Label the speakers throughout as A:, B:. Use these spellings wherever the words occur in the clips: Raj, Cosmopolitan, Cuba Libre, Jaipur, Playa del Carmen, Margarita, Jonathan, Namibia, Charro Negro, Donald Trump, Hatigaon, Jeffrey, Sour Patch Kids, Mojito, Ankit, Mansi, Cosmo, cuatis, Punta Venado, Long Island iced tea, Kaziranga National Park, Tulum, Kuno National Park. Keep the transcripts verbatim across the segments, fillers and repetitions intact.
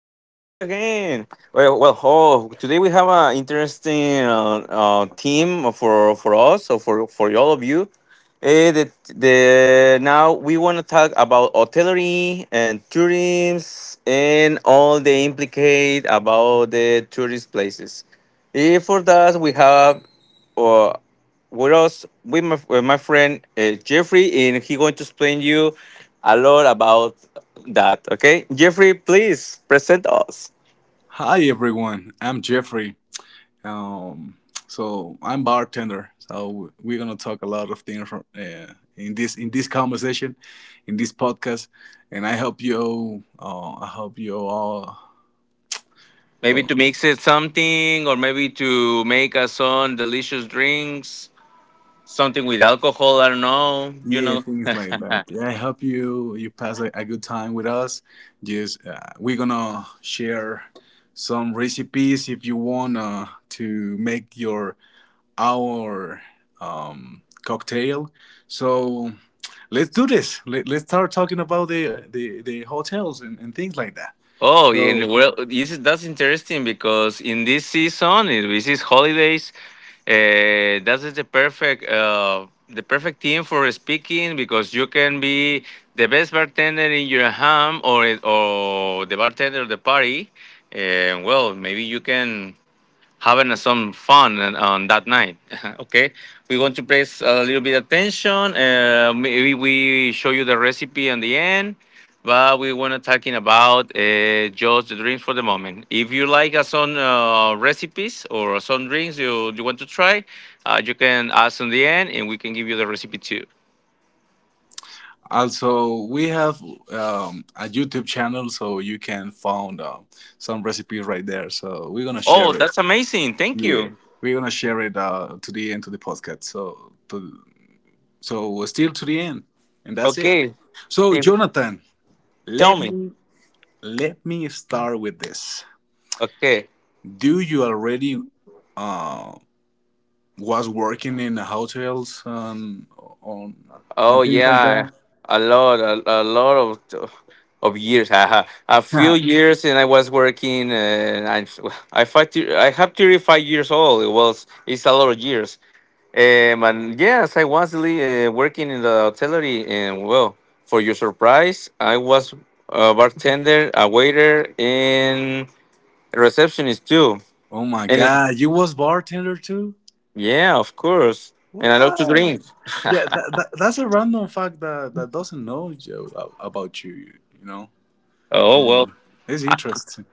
A: again. Well, well oh, today we have an interesting uh, uh, team for, for us or for, for all of you. Eh, the, the, now we want to talk about hotellery and tourism and all the implicate about the tourist places. Eh, for that, we have uh, with us with my with my friend uh, Jeffrey, and he going to explain you a lot about that. Okay, Jeffrey, please present us.
B: Hi everyone, I'm Jeffrey. Um, so I'm bartender. So we're gonna talk a lot of things from, uh, in this in this conversation, in this podcast, and I hope you. Uh, I hope you all.
A: Maybe
B: ho-
A: to mix it something, or maybe to make us some delicious drinks, something with alcohol. I don't know. You
B: yeah,
A: know.
B: things like that. Yeah, I hope you you pass a, a good time with us. Just uh, we're gonna share some recipes if you wanna to make your our um, cocktail. So let's do this. Let, let's start talking about the the, the hotels and, and things like that.
A: Oh, yeah,
B: So
A: well, this is, that's interesting because in this season, in these holidays, uh, that is the perfect uh, the perfect team for speaking because you can be the best bartender in your home or or the bartender of the party, and well, maybe you can having some fun on that night. Okay, we want to place a little bit attention. Uh, maybe we show you the recipe on the end, but we want to talking about uh, just the drinks for the moment. If you like uh, some uh, recipes or some drinks you you want to try, uh, you can ask on the end, and we can give you the recipe too.
B: also we have um, a YouTube channel, so you can find uh, some recipes right there. So we're gonna
A: Oh,
B: share it.
A: that's amazing! Thank
B: Yeah,
A: you.
B: we're gonna share it uh, to the end to the podcast. So to so still to the end, and that's it.
A: Okay,
B: So
A: if-
B: Jonathan,
A: tell
B: let
A: me.
B: me let me start with this.
A: Okay.
B: Do you already uh, was working in hotels and on on
A: Oh
B: things like
A: yeah,
B: that?
A: a lot, a, a lot of of years. Haha. A few years, and I was working, uh, and I I fight. I have thirty five years old. It was it's a lot of years. Um, and yes, I was le- uh, working in the hotellery, and well, for your surprise, I was a bartender, a waiter, and a receptionist too.
B: Oh my
A: And it,
B: god, you was bartender too?
A: yeah, of course. And
B: What?
A: I love to drink.
B: Yeah, that, that, that's a random fact that, that doesn't know Joe a- about you. You know,
A: Oh well.
B: Um, it's interesting.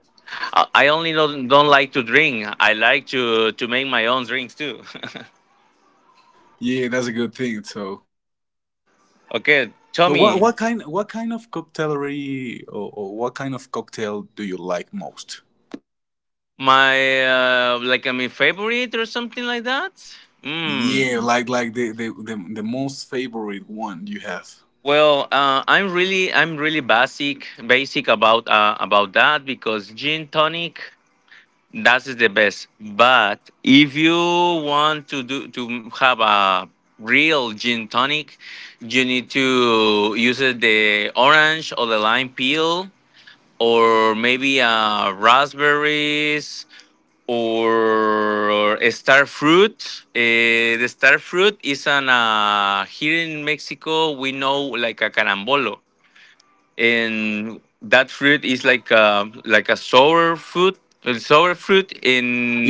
A: I I only don't, don't like to drink. I like to to make my own drinks too.
B: Yeah, that's a good thing. So,
A: Okay, tell
B: so what
A: me
B: what kind what kind of cocktailery, or, or what kind of cocktail do you like most?
A: my uh, like I mean favorite or something like that. Mm.
B: Yeah, like like the the, the, the most favorite one you have.
A: Well, uh, I'm really I'm really basic basic about uh, about that because gin tonic that is the best. But if you want to do to have a real gin tonic, you need to use the orange or the lime peel or maybe uh, raspberries or a star fruit. Uh, the star fruit is an uh, here in Mexico we know like a carambolo, and that fruit is like a, like a sour fruit. A Sour fruit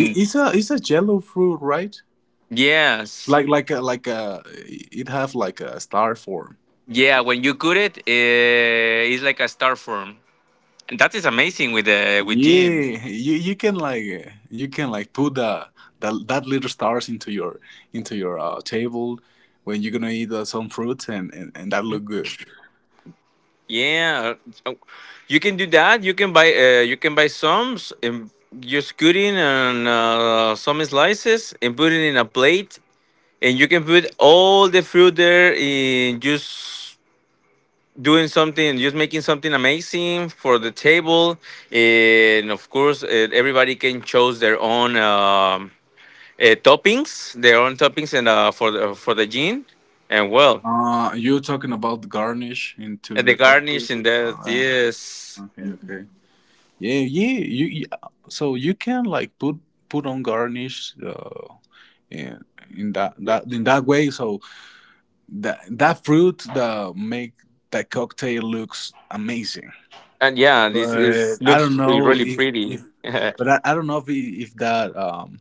B: I- It's a it's a yellow fruit, right?
A: Yes,
B: Like like a, like a it have like a star form.
A: yeah. When you cut it, uh, it's like a star form, and that is amazing with uh, with gin.
B: Yeah, you you can like uh, you can like put the, the that little stars into your into your uh, table when you're gonna eat uh, some fruit, and, and and that look good.
A: Yeah, so you can do that. You can buy uh, you can buy some s- and just cut it and uh, some slices and put it in a plate, and you can put all the fruit there in just doing something, just making something amazing for the table, and of course uh, everybody can choose their own um, uh, toppings, their own toppings, and uh, for the for the gin, and well,
B: Uh, you're talking about the garnish into
A: and the
B: the cocktail.
A: garnish and
B: All
A: that,
B: right.
A: yes.
B: Okay. Okay. Yeah, yeah. You, you So you can like put put on garnish uh, in, in that
A: Yeah.
B: that in that way. So that that fruit that make that cocktail looks amazing.
A: And yeah, this
B: But
A: is
B: I
A: looks
B: don't know
A: really
B: if
A: pretty.
B: if but I, I don't know if it- if that um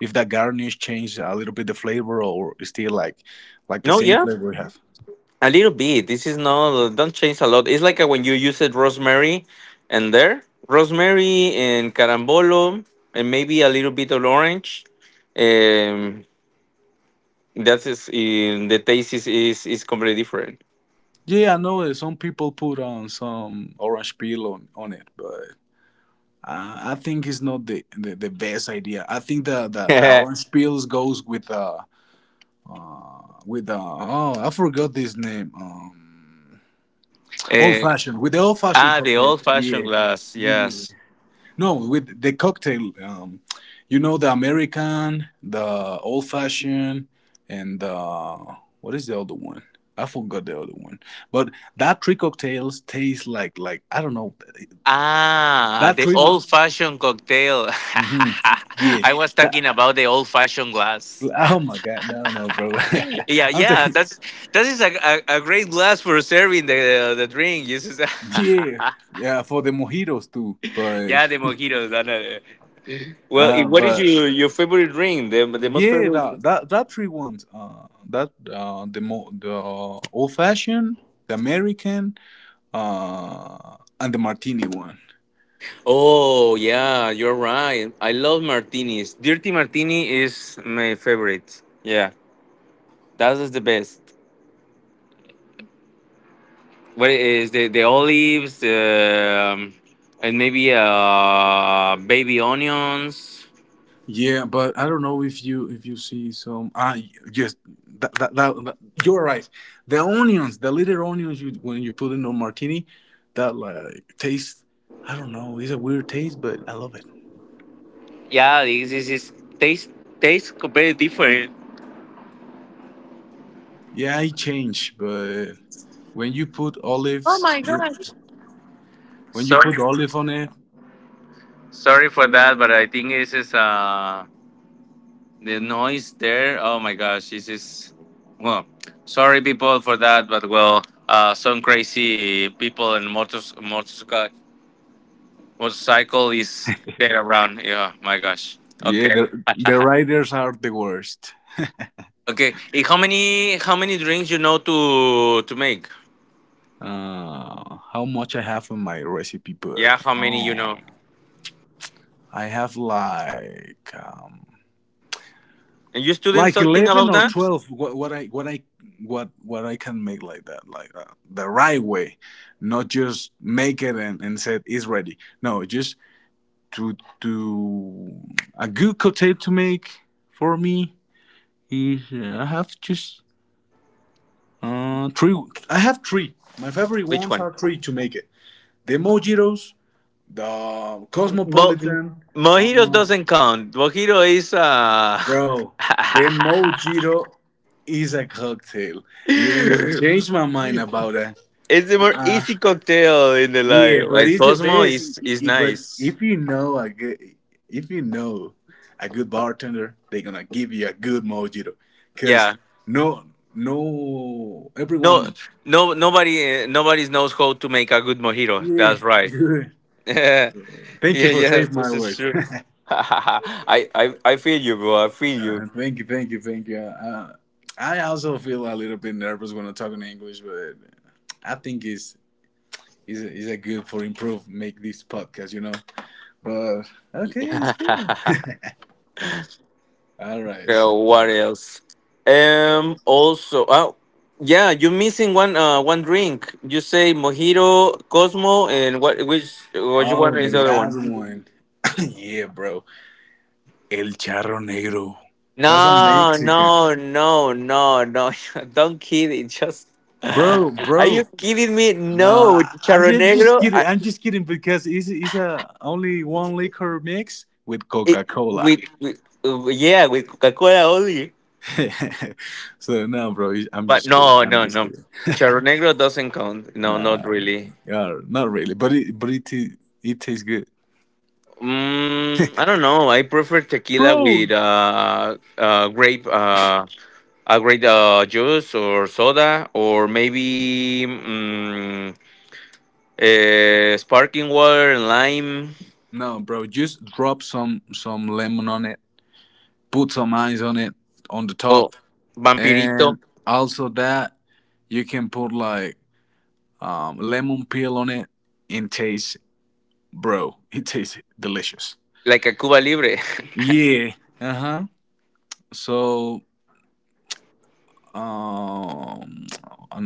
B: if that garnish changed a little bit the flavor, or it's still like like the
A: No,
B: same
A: yeah,
B: flavor we have.
A: a little bit. This is not Don't change a lot. It's like uh, when you use it rosemary, and there rosemary and carambolo, and maybe a little bit of orange. Um, that is in the taste is is, is completely different.
B: Yeah, I know that some people put on some orange peel on, on it, but. Uh, I think it's not the, the, the best idea. I think the, the, the orange pills goes with uh with uh oh I forgot this name um old
A: Eh,
B: fashioned with the old fashioned
A: ah, the
B: cocktail.
A: old fashioned
B: Yeah,
A: glass,
B: yeah.
A: yes.
B: No, with the cocktail. Um, you know the American, the old fashioned, and uh what is the other one? I forgot the other one. But that three cocktails taste like like I don't know
A: Ah,
B: that
A: the
B: three
A: old fashioned cocktail.
B: hmm. Yeah.
A: I was talking
B: That,
A: about the old fashioned glass.
B: Oh my god, no, no, bro.
A: Yeah,
B: I'm
A: yeah.
B: taking
A: That's that is a, a, a great glass for serving the the drink. This is
B: Yeah, yeah for the mojitos too, but
A: yeah, the mojitos. I know. Well, i-
B: uh,
A: what is
B: but
A: your your favorite drink? The the most
B: yeah,
A: favorite.
B: that that, that three ones, uh, that uh, the mo- the old fashioned, the American, uh, and the martini one.
A: Oh yeah, you're right. I love martinis. Dirty martini is my favorite. Yeah, that is the best. What is the the olives, um, and maybe uh baby onions.
B: Yeah, but I don't know if you if you see some. Ah, just that, that, that, that you're right. The onions, the little onions you when you put in a martini, that like taste. I don't know. It's a weird taste, but I love it.
A: Yeah, this is, is taste taste completely different.
B: Yeah, I change, but when you put
A: Oh
B: olives,
A: my gosh.
B: when you
A: Sorry,
B: put olive on it,
A: Sorry for that, but I think this is uh the noise there. Oh my gosh, this is, well. Sorry, people, for that, but well, uh, some crazy people and motors, motorcycle, motorcycle is there around. Yeah, my gosh.
B: yeah,
A: Okay,
B: the the writers are the worst.
A: okay. Eh, How many how many drinks you know to to make?
B: Uh, how much I have in my recipe
A: Yeah,
B: book?
A: how many you know?
B: Oh, I have like um,
A: And you studying
B: like
A: something
B: eleven
A: about
B: or
A: that?
B: twelve. What, what I what I what what I can make like that, like that, the right way, not just make it and and said it's ready. No, just to to a good cocktail to make for me is uh, I have just uh, three. I have three. My favorite
A: Which
B: ones
A: one?
B: are three to make it: the Mojitos, the
A: Mo-
B: Cosmopolitan.
A: Mojitos
B: Uh,
A: doesn't count. Mojito is uh
B: bro, the Mojito is a cocktail. You're not gonna change my mind about that.
A: it's a more easy cocktail in the life.
B: Yeah, but
A: Like
B: it's the
A: Cosmo
B: best.
A: is is
B: I- I- But
A: nice.
B: if you know a good, If you know a good bartender, they're gonna give you a good mojito.
A: Yeah.
B: Cause no, no,
A: No,
B: everyone,
A: no, nobody, uh, nobody knows how to make a good mojito. That's
B: yeah.
A: right. Yeah,
B: Thank you for
A: yes,
B: saving my
A: this is
B: words.
A: true. I, I, I feel you, bro. I feel
B: Uh,
A: you.
B: thank you, thank you, thank you. Uh, I also feel a little bit nervous when I'm talking English, but I think it's is is a good for improve make this podcast, you know. But okay, it's good. All right,
A: Uh,
B: so
A: what else? Um. Also, oh, yeah, you're missing one. Uh, one drink. You say mojito, Cosmo, and what? Which? What you
B: oh,
A: want
B: the
A: is the other
B: last
A: one?
B: one, yeah, bro. El charro negro. That's a
A: No,
B: Mexican,
A: no, no, no, no. Don't kid it. Just.
B: bro,
A: Are you
B: bro.
A: kidding me?
B: No,
A: No,
B: I- I'm
A: Charro
B: just, just
A: Negro.
B: kidding.
A: I,
B: I'm just kidding because it's it's a only one liquor mix with
A: it,
B: Coca Cola.
A: with, with uh, Yeah, with Coca Cola only.
B: So no, bro. I'm
A: But
B: just kidding.
A: no,
B: I'm
A: no,
B: just
A: no.
B: kidding.
A: Charro Negro doesn't count. No,
B: Nah,
A: not really.
B: yeah, not really. But it, but it, ta- it tastes good,
A: Mm, I don't know. I prefer tequila with
B: bro.
A: uh, uh, grape, uh, a grape uh, juice or soda, or maybe mm, uh, sparkling water and lime.
B: No, bro. Just drop some some lemon on it. Put some ice on it on the
A: Oh,
B: top, and
A: vampirito,
B: also that you can put like um lemon peel on it. In taste, bro. It tastes delicious.
A: like a Cuba Libre.
B: Yeah. Uh huh. So um,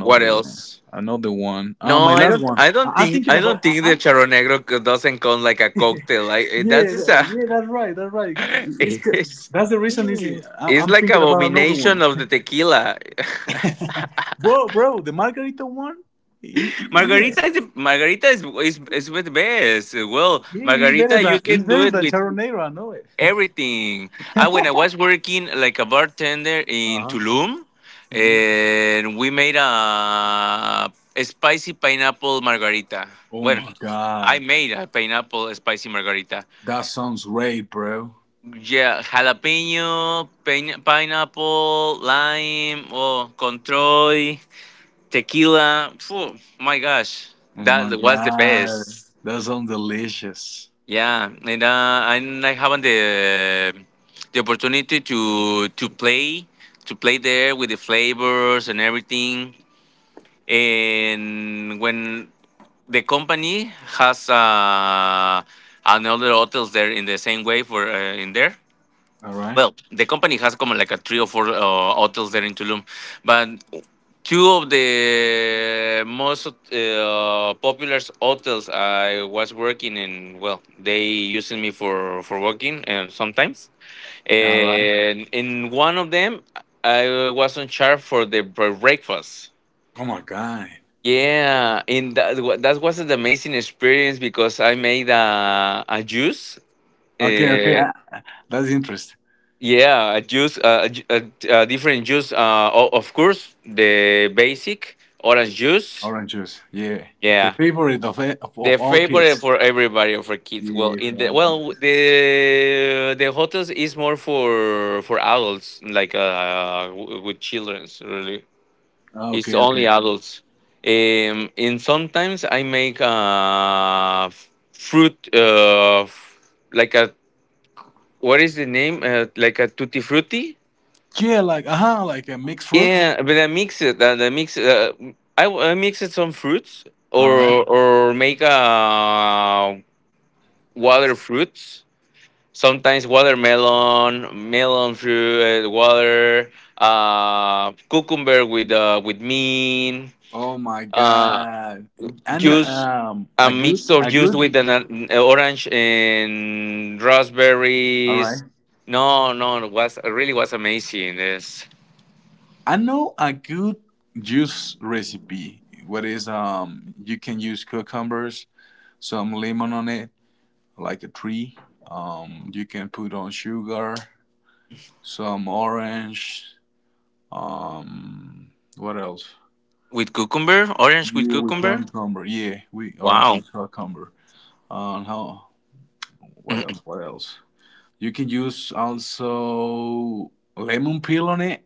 A: What
B: one.
A: else?
B: Another one. Uh,
A: No,
B: my
A: I
B: last
A: don't.
B: one.
A: I don't
B: I, I'm
A: think.
B: thinking
A: I
B: about.
A: don't
B: I,
A: think the
B: I'm
A: Charro Negro c- doesn't count like a cocktail. I eh, that's
B: Yeah,
A: just a.
B: yeah. That's right. That's right. It's c-
A: It's,
B: that's the reason. Is I'm,
A: it's
B: I'm
A: like
B: thinking about another
A: abomination
B: one.
A: of the tequila.
B: Bro, bro, the margarita one. i- i- Yeah,
A: Margarita is Margarita is is, is with best.
B: yeah,
A: Well,
B: it's better
A: Margarita, you
B: than it's
A: can do
B: better
A: it
B: than
A: with
B: Charonero. I know it.
A: everything. I When I was working like a bartender
B: Uh
A: in
B: huh.
A: Tulum,
B: Hmm.
A: and we made a, a spicy pineapple margarita.
B: Oh
A: Well,
B: my
A: I
B: god,
A: made a pineapple spicy margarita.
B: that sounds great, bro.
A: Yeah, jalapeno, pin- pineapple, lime, oh, control, tequila. Phew, my gosh,
B: Oh
A: that
B: my
A: was the
B: god,
A: best.
B: that sounds delicious.
A: Yeah, and uh, and I haven't the the opportunity to to play to play there with the flavors and everything. And when the company has uh, another hotels there in the same way for uh, in there,
B: All right,
A: well, the company has como like a three or four uh, hotels there in Tulum, but two of the most uh, popular hotels I was working in. Well, they using me for for working and sometimes.
B: all right.
A: And in one of them, I was on charge for the breakfast.
B: Oh my god.
A: Yeah, and that, wa- that was an amazing experience because I made a, a juice.
B: Okay, okay,
A: Uh,
B: uh, uh, that's interesting.
A: Yeah, a juice, uh, a, ju- a, a different juice. Uh, o- of course, the basic orange juice.
B: Orange juice, yeah, the
A: Yeah,
B: favorite of e- of,
A: the
B: of all
A: favorite
B: kids.
A: for everybody or for kids. Well,
B: Yeah, for
A: in the
B: all kids.
A: well, the the hotels is more for for adults, like uh, w- with childrens. Really,
B: Ah,
A: it's
B: okay,
A: only
B: okay.
A: adults. Um, and sometimes I make uh f- fruit uh f- like a what is the name uh, like a tutti frutti.
B: Yeah, like uh huh, like a mixed fruit.
A: Yeah, but I mix it. uh, I mix. Uh, I, I mix it some fruits or
B: All right.
A: or make uh water fruits. Sometimes watermelon, melon fruit, uh, water, uh, cucumber with uh with mint,
B: Oh my
A: uh
B: god, I know
A: juice,
B: um
A: a
B: a good
A: mix of
B: a
A: juice
B: good.
A: with an uh, orange and
B: All right,
A: raspberries. No, no, it was it really was amazing. This
B: I know a good juice recipe. What is um you can use cucumbers, some lemon on it, like a tree. Um, you can put on sugar, some orange. Um, what else?
A: with cucumber, orange with
B: Yeah, with
A: cucumber.
B: cucumber. Yeah, we orange
A: Wow.
B: with cucumber. Um, how? What
A: Mm,
B: else? What else? You can use also lemon peel on it.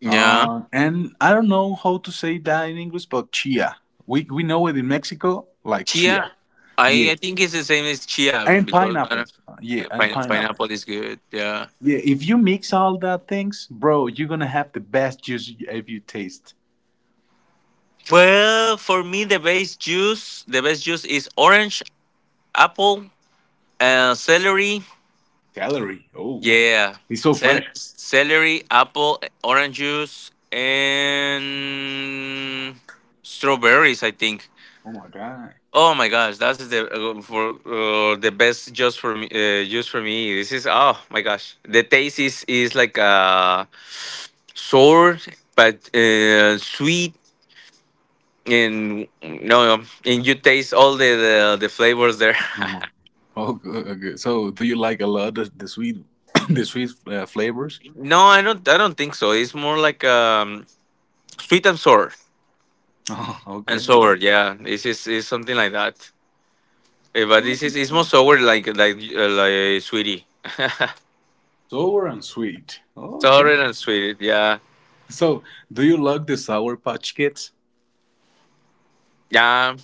A: yeah,
B: Uh, and I don't know how to say that in English, but chia. We we know it in Mexico like
A: chia.
B: chia.
A: I
B: Yeah,
A: I think it's the same as chia
B: and
A: because uh,
B: pineapple. Uh, yeah, and
A: pine-
B: pineapple.
A: pineapple is good. Yeah.
B: Yeah, if you mix all that things, bro, you're gonna have the best juice you- if you taste.
A: Well, for me, the best juice, the best juice is orange, apple, uh, celery.
B: Celery. Oh,
A: Yeah,
B: it's so
A: Cel-
B: fresh.
A: celery, apple, orange juice, and strawberries. I think.
B: Oh my god.
A: Oh my gosh, that is the uh, for uh, the best just for me. Uh, just for me, this is oh my gosh, the taste is is like uh sour but uh, sweet and no, no, and you taste all the the, the flavors there.
B: ஆமா. Okay, okay. So, do you like a lot of the sweet, the sweet uh, flavors?
A: No, I don't. I don't think so. It's more like um sweet and sour
B: Oh, okay,
A: and sour.
B: okay.
A: Yeah, this is is something like that. Eh, But this is it's more sour like like uh, like sweetie.
B: Sour and sweet.
A: Sour
B: Okay.
A: and sweet. Yeah,
B: So, do you like the Sour Patch Kids?
A: yeah.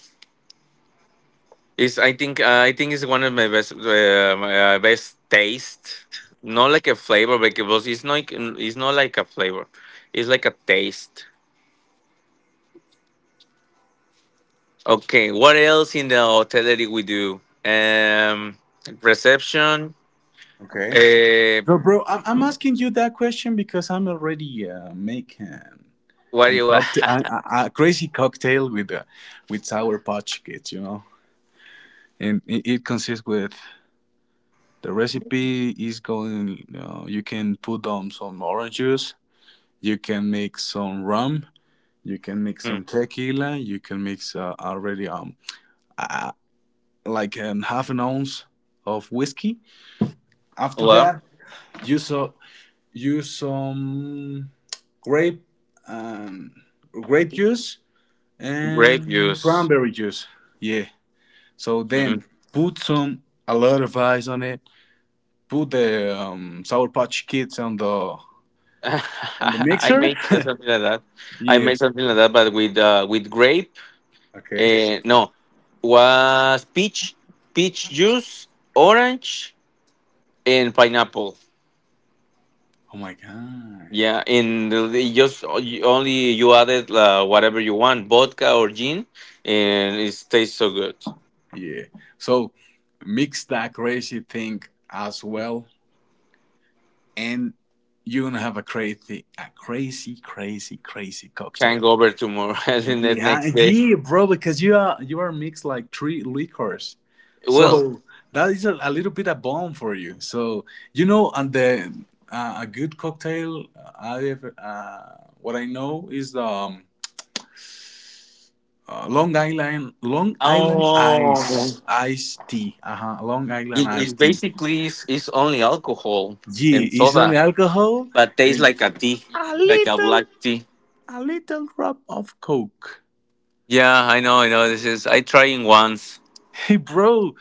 A: Is I think uh, I think it's one of my best uh, my, uh, best taste. Not like a flavor, like it was. It's not. It's not like a flavor. It's like a taste. Okay, what else in the hotellery we do? Um, reception.
B: Okay.
A: Uh,
B: So, bro, I'm, I'm asking you that question because I'm already uh, making
A: what do
B: and
A: you?
B: cocktail, a, a a crazy cocktail with uh, with Sour Patch Kids, you know, and it, it consists with the recipe is going. You know, you can put on some orange juice. You can make some rum. You can mix
A: Hmm,
B: some tequila. You can mix uh, already um uh, like an half an ounce of whiskey. After
A: well,
B: that, use uh, use some grape um, grape juice
A: grape
B: and
A: juice.
B: cranberry juice. Yeah. So then
A: Mm.
B: put some a lot of ice on it. Put the um, sour patch kids on the on the
A: I
B: mixer.
A: made something like that. I
B: Yeah.
A: made something like that, but with uh, with grape.
B: Okay.
A: Uh, no, was peach, peach juice, orange, and pineapple.
B: Oh my god.
A: Yeah, and the- the- just o- you- only you added uh, whatever you want, vodka or gin, and it tastes so good.
B: Yeah. So mix that crazy thing as well, and you're gonna have a crazy, a crazy, crazy, crazy cocktail.
A: Hangover tomorrow, and the
B: Yeah,
A: next day.
B: yeah, bro. Because you are you are mixed like three liquors,
A: Well,
B: so that is a, a little bit a bomb for you. So you know, and the uh, a good cocktail. Uh, I have uh, what I know is the. Um, uh, Long Island, Long Island
A: oh,
B: ice, iced tea. Uh huh. Long Island
A: it, it's
B: iced tea.
A: basically it's, it's only alcohol
B: Gee,
A: and
B: is some
A: soda,
B: alcohol
A: but tastes
B: and
A: like a tea,
B: a
A: like a
B: little,
A: black tea.
B: a little drop of coke.
A: Yeah, I know, I know. This is I trying once.
B: Hey, bro,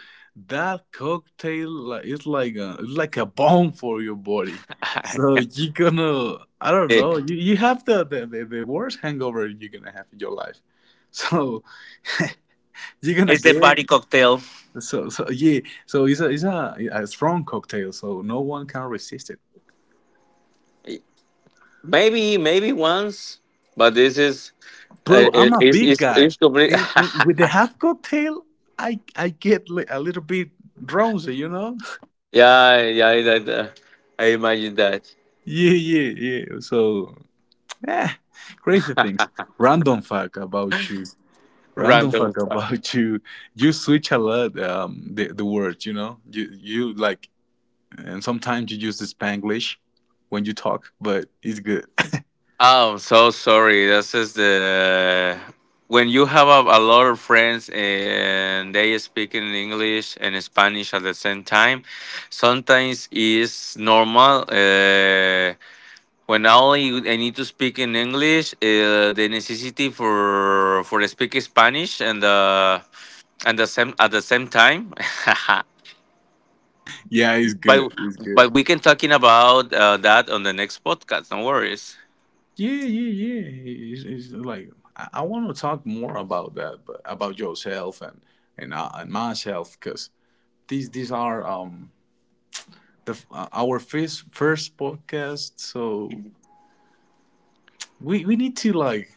B: that cocktail like, it's like a it's like a bomb for your body. So you're gonna, I don't
A: Yeah.
B: know, you, you have the, the, the, the worst hangover you're gonna have in your life. So you're gonna
A: It's the
B: get
A: party cocktail.
B: so so yeah. So it's a it's a, a strong cocktail, so no one can resist it.
A: Maybe, maybe once, but this is uh,
B: Bro, I'm
A: it-
B: a
A: it's
B: big
A: it's
B: guy.
A: it's complete.
B: And, and with the half cocktail, I I get li- a little bit drowsy, you know?
A: Yeah, yeah, that, uh, I imagine that.
B: Yeah, yeah, yeah. So, eh, crazy things. Random fact about you. Random
A: Random
B: fact
A: stuff.
B: about you. You switch a lot um, the the words, you know. You you like, and sometimes you use the Spanglish when you talk, but it's good.
A: Oh, I'm so sorry. This is the when you have a, a lot of friends eh, and they speak in English and Spanish at the same time. Sometimes it's normal. Uh, When only I need to speak in English, uh, the necessity for for speak Spanish and uh, and the same at the same time.
B: Yeah, it's
A: but
B: good. It's
A: but
B: good.
A: we can talking about uh, that on the next podcast. No worries.
B: Yeah, yeah, yeah. It's, it's like I, I want to talk more about that, but about yourself and and, uh, and myself, because these these are um the f- uh, our first first podcast, so we we need to like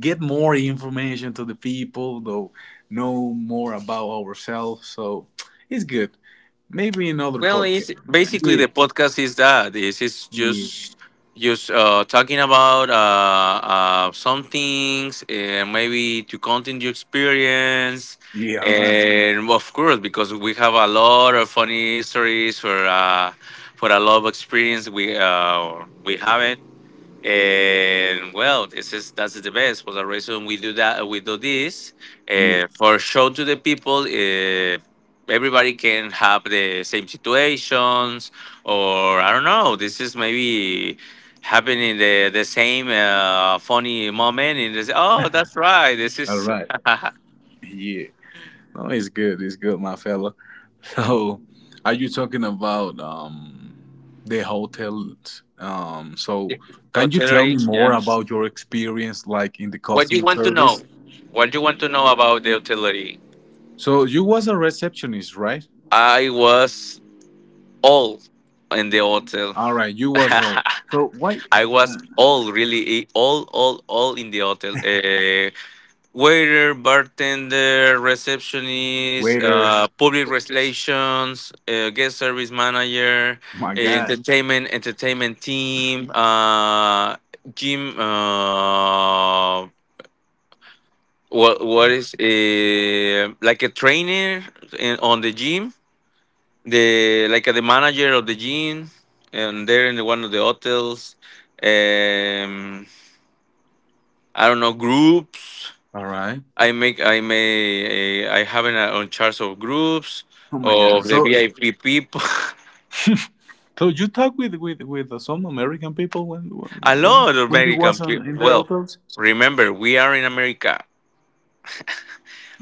B: get more information to the people, though know more about ourselves. So it's good. Maybe another
A: Well,
B: podcast.
A: it's basically
B: Yeah,
A: the podcast is that this is
B: yeah,
A: just just uh, talking about uh, uh, some things and maybe to content your experience
B: yeah. All right.
A: and well, of course because we have a lot of funny stories for uh, for a lot of experience we uh, we have it and well, this is that's the best. For the reason we do that, we do this
B: Yeah.
A: uh, for show to the people. Uh, everybody can have the same situations, or I don't know. This is maybe happening the the same uh, funny moment. And they say, oh, that's right. This
B: All
A: is
B: right. Yeah. No, it's good. It's good, my fella. So, are you talking about um, the hotels? Um, so, can you tell
A: hotellery.
B: me more
A: Yeah.
B: about your experience, like in the
A: What do you
B: customer
A: want to
B: service?
A: know? What do you want to know about the hotellery?
B: So, you was a receptionist, right?
A: I was all in the hotel.
B: All right, you was all. So, why
A: I was all really eh, all all all in the hotel. Uh, waiter, bartender, receptionist,
B: waiter?
A: uh, public relations, uh, guest service manager,
B: My
A: eh,
B: God.
A: entertainment entertainment team, uh, gym. Uh, what what is uh, like a trainer in, on the gym? The like uh, the manager of the gym, and they're in one of the hotels. Um, I don't know groups.
B: All right.
A: I make I may eh, I have an uh, on charts of groups
B: Oh my God.
A: of the
B: So,
A: V I P people.
B: so you talk with with with uh, some American people when
A: A
B: when
A: lot of
B: when you
A: American
B: was on
A: people.
B: in the
A: Well,
B: hotels?
A: remember we are in America.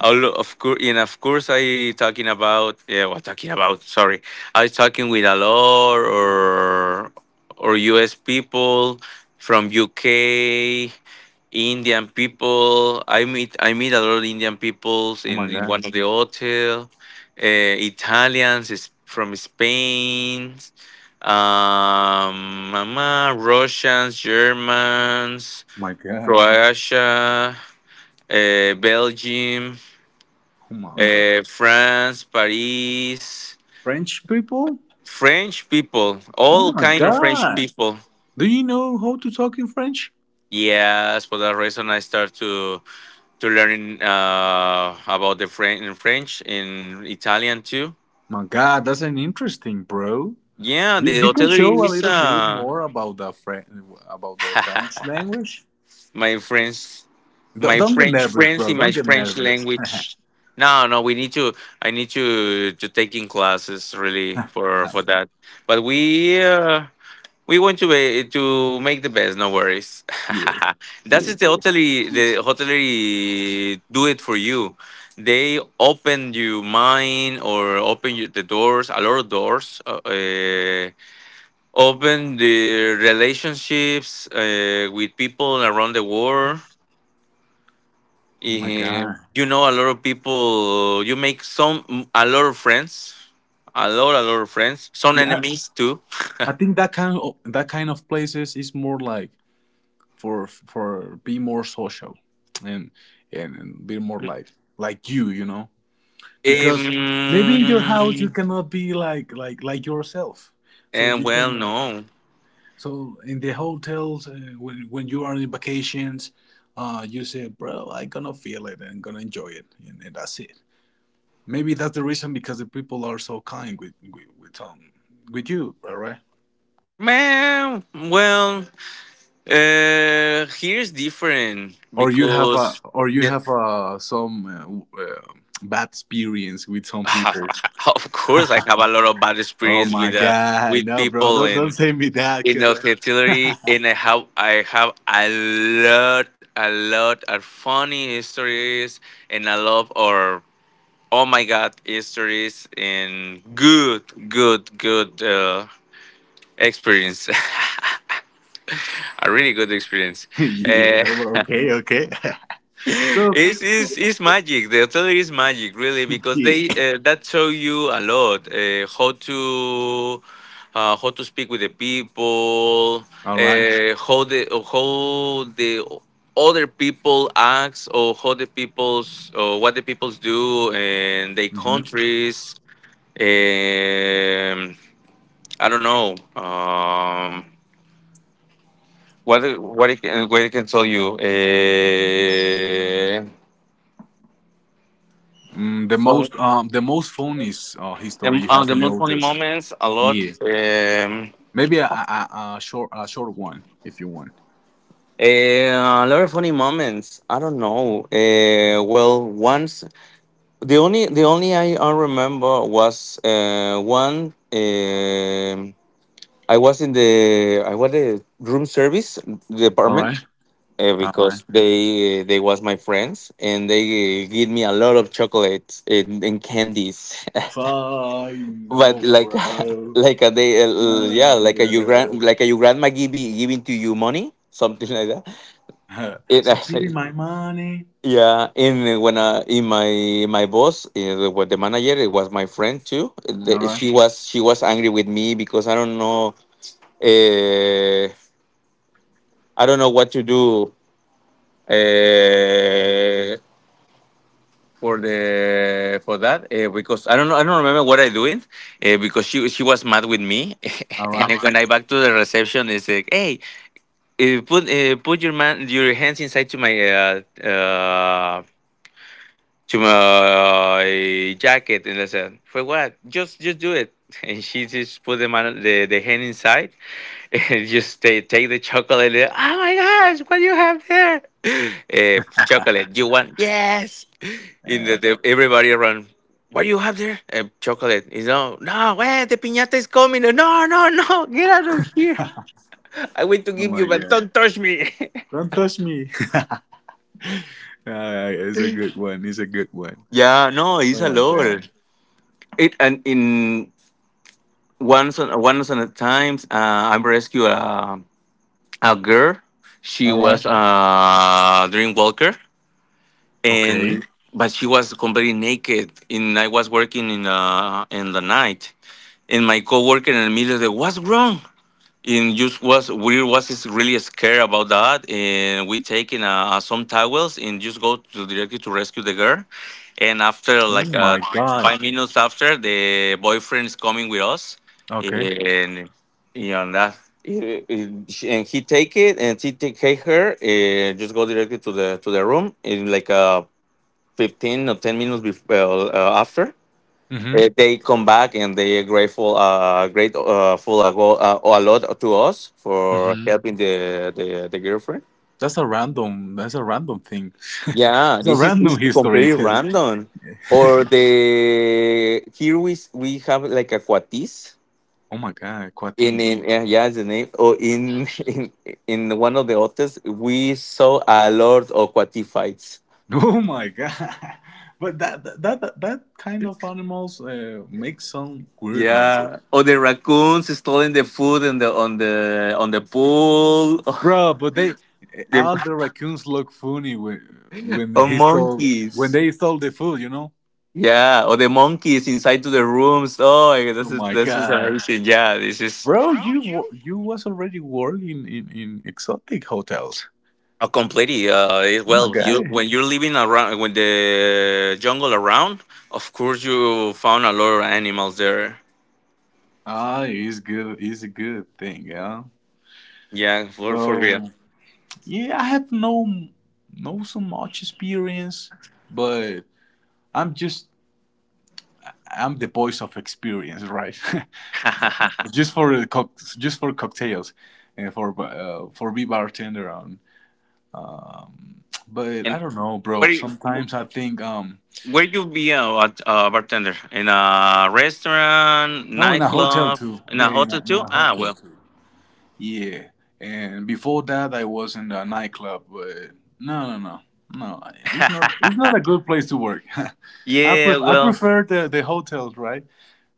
A: A lo- Of course, and of course, I talking about yeah, what talking about? Sorry, I was talking with a lot or or U S people from U K. Indian people. I meet I meet a lot of Indian peoples
B: Oh
A: in,
B: my
A: in one
B: God.
A: of the hotel. Uh, Italians is from Spain. Um, mama, Russians, Germans,
B: My God.
A: Croatia, uh, Belgium,
B: Oh my God.
A: uh, France, Paris,
B: French people?
A: French people,
B: Oh
A: all
B: my
A: kind of French
B: God.
A: people.
B: Do you know how to talk in French?
A: Yes, for that reason I start to to learn uh, about the French in French in Italian too.
B: My God, that's an interesting, bro.
A: Yeah,
B: You,
A: the
B: you can show
A: hotelier
B: a
A: is
B: little bit
A: uh,
B: more about the French about the French language.
A: my friends,
B: D-
A: my
B: don't get
A: French
B: nervous,
A: friends
B: bro.
A: in
B: Don't
A: my
B: get
A: French
B: nervous. yeah,
A: language. No, no, we need to. I need to to taking classes really for for that. But we uh, we want to be, to make the best, no worries.
B: yeah,
A: That
B: yeah.
A: is the hotelier, the hotelier do it for you. They open your mind or open you, the doors, a lot of doors. Uh, uh, open the relationships uh, with people around the world.
B: Oh my
A: Eh,
B: God.
A: you know, a lot of people. You make some a lot of friends, a lot, a lot of friends. Some
B: Yeah,
A: enemies too.
B: I, I think that kind of that kind of places is more like for for be more social and and, and be more like like you, you know. Because maybe in your house you
A: Um,
B: cannot be like like like yourself so
A: And
B: you
A: well,
B: can like
A: no.
B: so in the hotels uh, when when you are in vacations, uh, you say, bro, I gonna feel it and gonna enjoy it, and, and that's it. Maybe that's the reason because the people are so kind with with, with um with you. All right.
A: Man, well, uh, here's different
B: Or you have a,
A: because
B: or you
A: the,
B: have uh some uh, w- uh, bad experience with some people.
A: of course I have a lot of bad
B: Oh
A: experience
B: my
A: with uh,
B: god,
A: with
B: no, bro,
A: people
B: don't, don't
A: in
B: send me that
A: in the
B: cause. uh,
A: artillery, and I have I have a lot, a lot of funny stories, and I love or oh my god stories and good, good, good uh, experience. A really good experience.
B: yeah.
A: Uh,
B: Okay. Okay. so
A: it's, it's, it's magic. The hotel is magic, really, because they
B: yeah.
A: uh, that show you a lot uh, how to uh, how to speak with the people,
B: All right.
A: uh, how the how the other people acts, or how the people's or what the peoples do, in their
B: Mhm.
A: countries. Um, I don't know. Um, what what I can, what I can tell you.
B: Mm, the
A: Uh,
B: most um the most funniest uh, history
A: Um,
B: you
A: uh,
B: have
A: the
B: in the
A: most funny
B: hotels.
A: moments, a lot.
B: Yeah.
A: Um,
B: Maybe a, a, a a short a short one if you want.
A: eh, a lot of funny moments. I don't know. Uh, well, once the only the only I, I remember was uh, one. Um, I was in the I was the room service
B: All
A: department
B: right.
A: uh,
B: All right.
A: because they they was my friends and they gave me a lot of chocolates and, and candies.
B: Fine.
A: But
B: No,
A: like
B: bro.
A: like a they uh, uh, yeah
B: No,
A: like a your grand
B: bro.
A: like a your grandma giving giving to you money something like that it
B: so give me
A: actually
B: my money.
A: yeah in when uh in my my boss uh, what the manager it was my friend too.
B: All
A: The-
B: right.
A: she was she was angry with me because I don't know uh I don't know what to do uh for the for that uh, because I don't know I don't remember what I doing, uh, because she she was mad with me.
B: All
A: And
B: right.
A: then when I back to the reception it's like, hey, uh, put uh, put your man your hands inside to my uh, uh, to my jacket. And I said, for what? Just just do it. And she just put the man, the, the hand inside and just take take the chocolate. And, oh my gosh, what do you have there? Eh, chocolate. You want? Yes. In the, the everybody around. What do you have there? Eh, chocolate. You know, no, wait, the piñata is coming. No, no, no, get out of here.
B: Uh,
A: I want to
B: oh
A: give
B: my
A: you, but
B: god.
A: don't touch me.
B: Don't touch me. Uh, it's a good one. It's a good one.
A: Yeah, no, it's
B: Oh
A: a
B: my god.
A: lot. It and in once on once on a time uh, I rescued a a girl. She
B: All right.
A: was uh, a dream walker
B: Okay.
A: and but she was completely naked and I was working in uh in the night and my coworker in the middle said, what's wrong? And just was we was is really scared about that, and we taking uh, uh, some towels and just go to directly to rescue the girl. And after
B: Oh
A: like uh,
B: my god.
A: five minutes after, the boyfriend is coming with us,
B: Okay.
A: and you know that. It- it- she- and he take it and she take take her and just go directly to the to the room in like uh fifteen or ten minutes before uh, uh, after
B: Mhm.
A: uh, they come back and they are grateful, uh, grateful uh, full a, go, uh, a lot to us for
B: Mhm.
A: helping the, the, the girlfriend.
B: That's a random. That's a random thing.
A: Yeah,
B: it's a
A: this is
B: random
A: it's
B: history.
A: completely
B: 'cause-
A: random. Or the here we s- we have like a cuatis
B: Oh my god,
A: in
B: quatis.
A: in yeah, yeah it's the name. Or in in in one of the hotels we saw a lot of cuati fights.
B: Oh my god. But that that that, that kind of animals uh, make some weird noises,
A: Yeah. Or the raccoons stealing the food in the on the on the pool.
B: bro. But they
A: The
B: all the raccoons look funny when when
A: or
B: he stole when
A: monkeys.
B: they stole the food. You know.
A: Yeah, or the monkeys inside to the rooms. Oh, I-
B: Oh
A: this is
B: my
A: this is
B: god,
A: amazing. Yeah, this is
B: bro! You wa- you was already working in in exotic hotels.
A: a completely. Uh, it-
B: Oh
A: well,
B: my
A: you
B: god.
A: when you're living around when the jungle around, of course you found a lot of animals there.
B: Ah, it's good. It's a good thing, yeah.
A: Yeah, for for real.
B: So yeah, I have no no so much experience, but I'm just I'm the voice of experience, right? just for the cock, just for cocktails, and for uh, for be bartender on. Um, but I
A: And
B: don't know, bro.
A: where you-
B: Sometimes I think um
A: where you be a, what- a bartender in a restaurant,
B: no in a hotel
A: nightclub,
B: too.
A: in
B: Yeah,
A: a
B: in a
A: hotel
B: in
A: too?
B: a
A: Ah,
B: hotel
A: well.
B: too. Yeah, and before that, I was in the nightclub. But no, no, no, no. It's not. It's not a good place to work. I
A: Yeah,
B: pref- I
A: well.
B: prefer the, the hotels, right?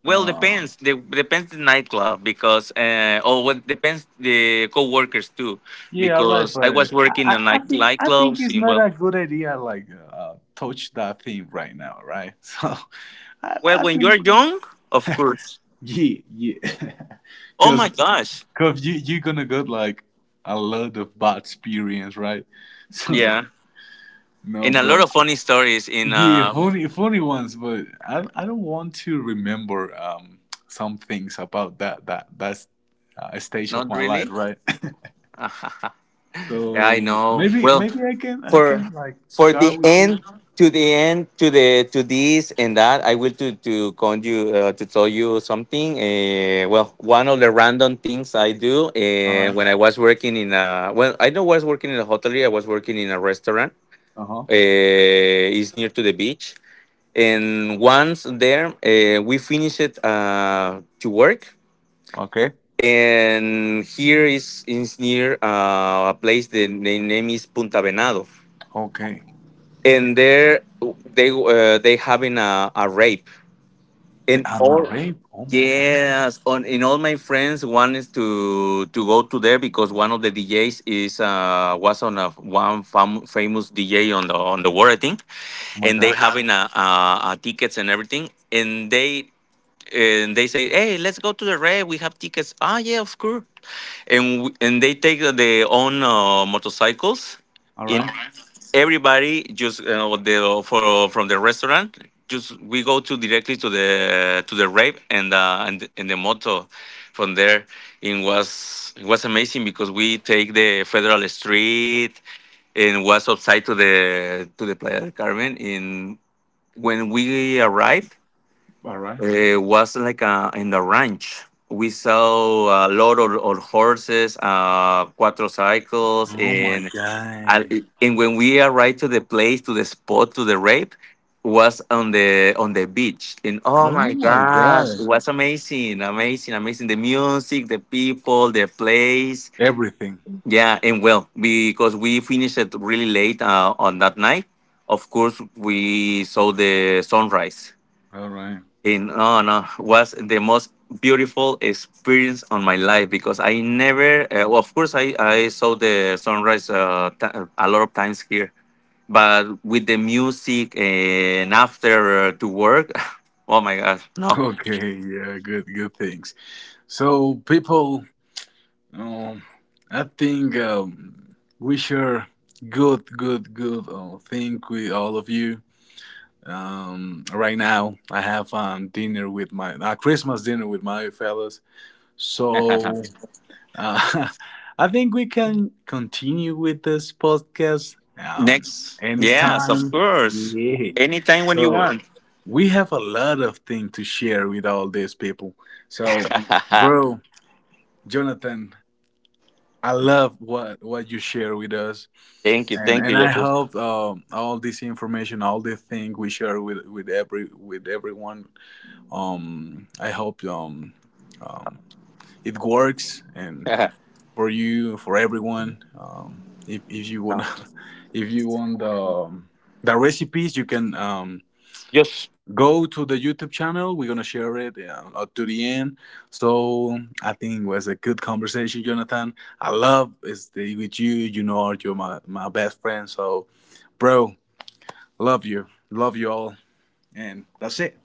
A: Well,
B: Um,
A: depends. The, depends the nightclub because, uh, or what depends the coworkers too,
B: yeah, right.
A: because I was
B: But I,
A: working
B: I
A: in
B: I
A: night
B: think I think
A: nightclubs.
B: it's
A: In,
B: not
A: well,
B: a good idea. Like uh, touch that theme right now, right? So I,
A: well,
B: I
A: when you are
B: think
A: young, of course.
B: yeah, yeah.
A: Oh
B: Cause,
A: my gosh,
B: cause you you're gonna get like a lot of bad experience, right? So
A: yeah, and
B: no,
A: a lot
B: bro.
A: of funny stories. In
B: Yeah,
A: uh,
B: funny, funny ones, but I, I don't want to remember um, some things about that that that's uh, stage of
A: not
B: my life,
A: really.
B: right?
A: Yeah, I
B: so
A: know.
B: maybe
A: Well,
B: maybe I can I
A: for
B: can like
A: for
B: share
A: the
B: with you.
A: end to the end to the to this and that I will to to con you uh, to tell you something uh, well one of the random things I do
B: All
A: uh,
B: right.
A: when I was working in a well I don't was working in a hotel. I was working in a restaurant
B: Uh huh.
A: uh, is near to the beach and once there uh, we finished it uh, to work
B: Okay.
A: and here is is near uh, a place the, the name is punta venado
B: Okay.
A: and there they uh, they having a, a rape and
B: I'm a
A: all
B: rape. Oh my god.
A: yes on in all my friends wanted to to go to there because one of the djs is uh was on a one fam- famous dj on the on the world I think
B: Oh my
A: and they
B: god.
A: having a, a, a tickets and everything and they and they say hey let's go to the rape we have tickets ah yeah of course and w- and they take their own uh, motorcycles
B: All
A: in
B: right.
A: everybody just you know the for from the restaurant just we go to directly to the to the rave and uh, and and the moto from there it was it was amazing because we take the federal street and was outside to the to the playa del carmen in when we arrived
B: All right.
A: it was like uh in the ranch we saw a lot of, of horses uh quattro cycles
B: Oh my
A: and and,
B: god.
A: it- and when we arrived to the place to the spot to the rape was on the on the beach and oh
B: Oh
A: my
B: my
A: gosh it
B: god.
A: was amazing amazing amazing the music the people the place
B: Everything.
A: yeah and well because we finished it really late uh, on that night of course we saw the sunrise
B: All right.
A: and oh no was the most beautiful experience on my life because I never uh, well, of course I I saw the sunrise uh, t- a lot of times here but with the music and after to work, oh my gosh, no.
B: Okay. Yeah. Good. Good things. So people. Um, I think um, we share good, good, good uh, thing with all of you. Um, right now, I have um, dinner with my uh, Christmas dinner with my fellas. So uh, I think we can continue with this podcast um,
A: Next. Yes, of
B: anytime.
A: course.
B: Yeah.
A: Anytime when you
B: So
A: want.
B: we have a lot of things to share with all these people. So, bro, Jonathan. I love what what you share with us,
A: Thank you.
B: and
A: Thank
B: and
A: you.
B: I
A: Jeffrey.
B: hope um, all this information, all the thing we share with with every with everyone. Um, I hope um, um, it works, and for you, for everyone. Um, if if you want,
A: No.
B: if you want the um, the recipes, you can. Um, go to the YouTube channel. We're gonna share it yeah, up to the end. So I think it was a good conversation, Jonathan. I love is with you. You know, you're my my best friend. So, bro, love you, love you all, and that's it.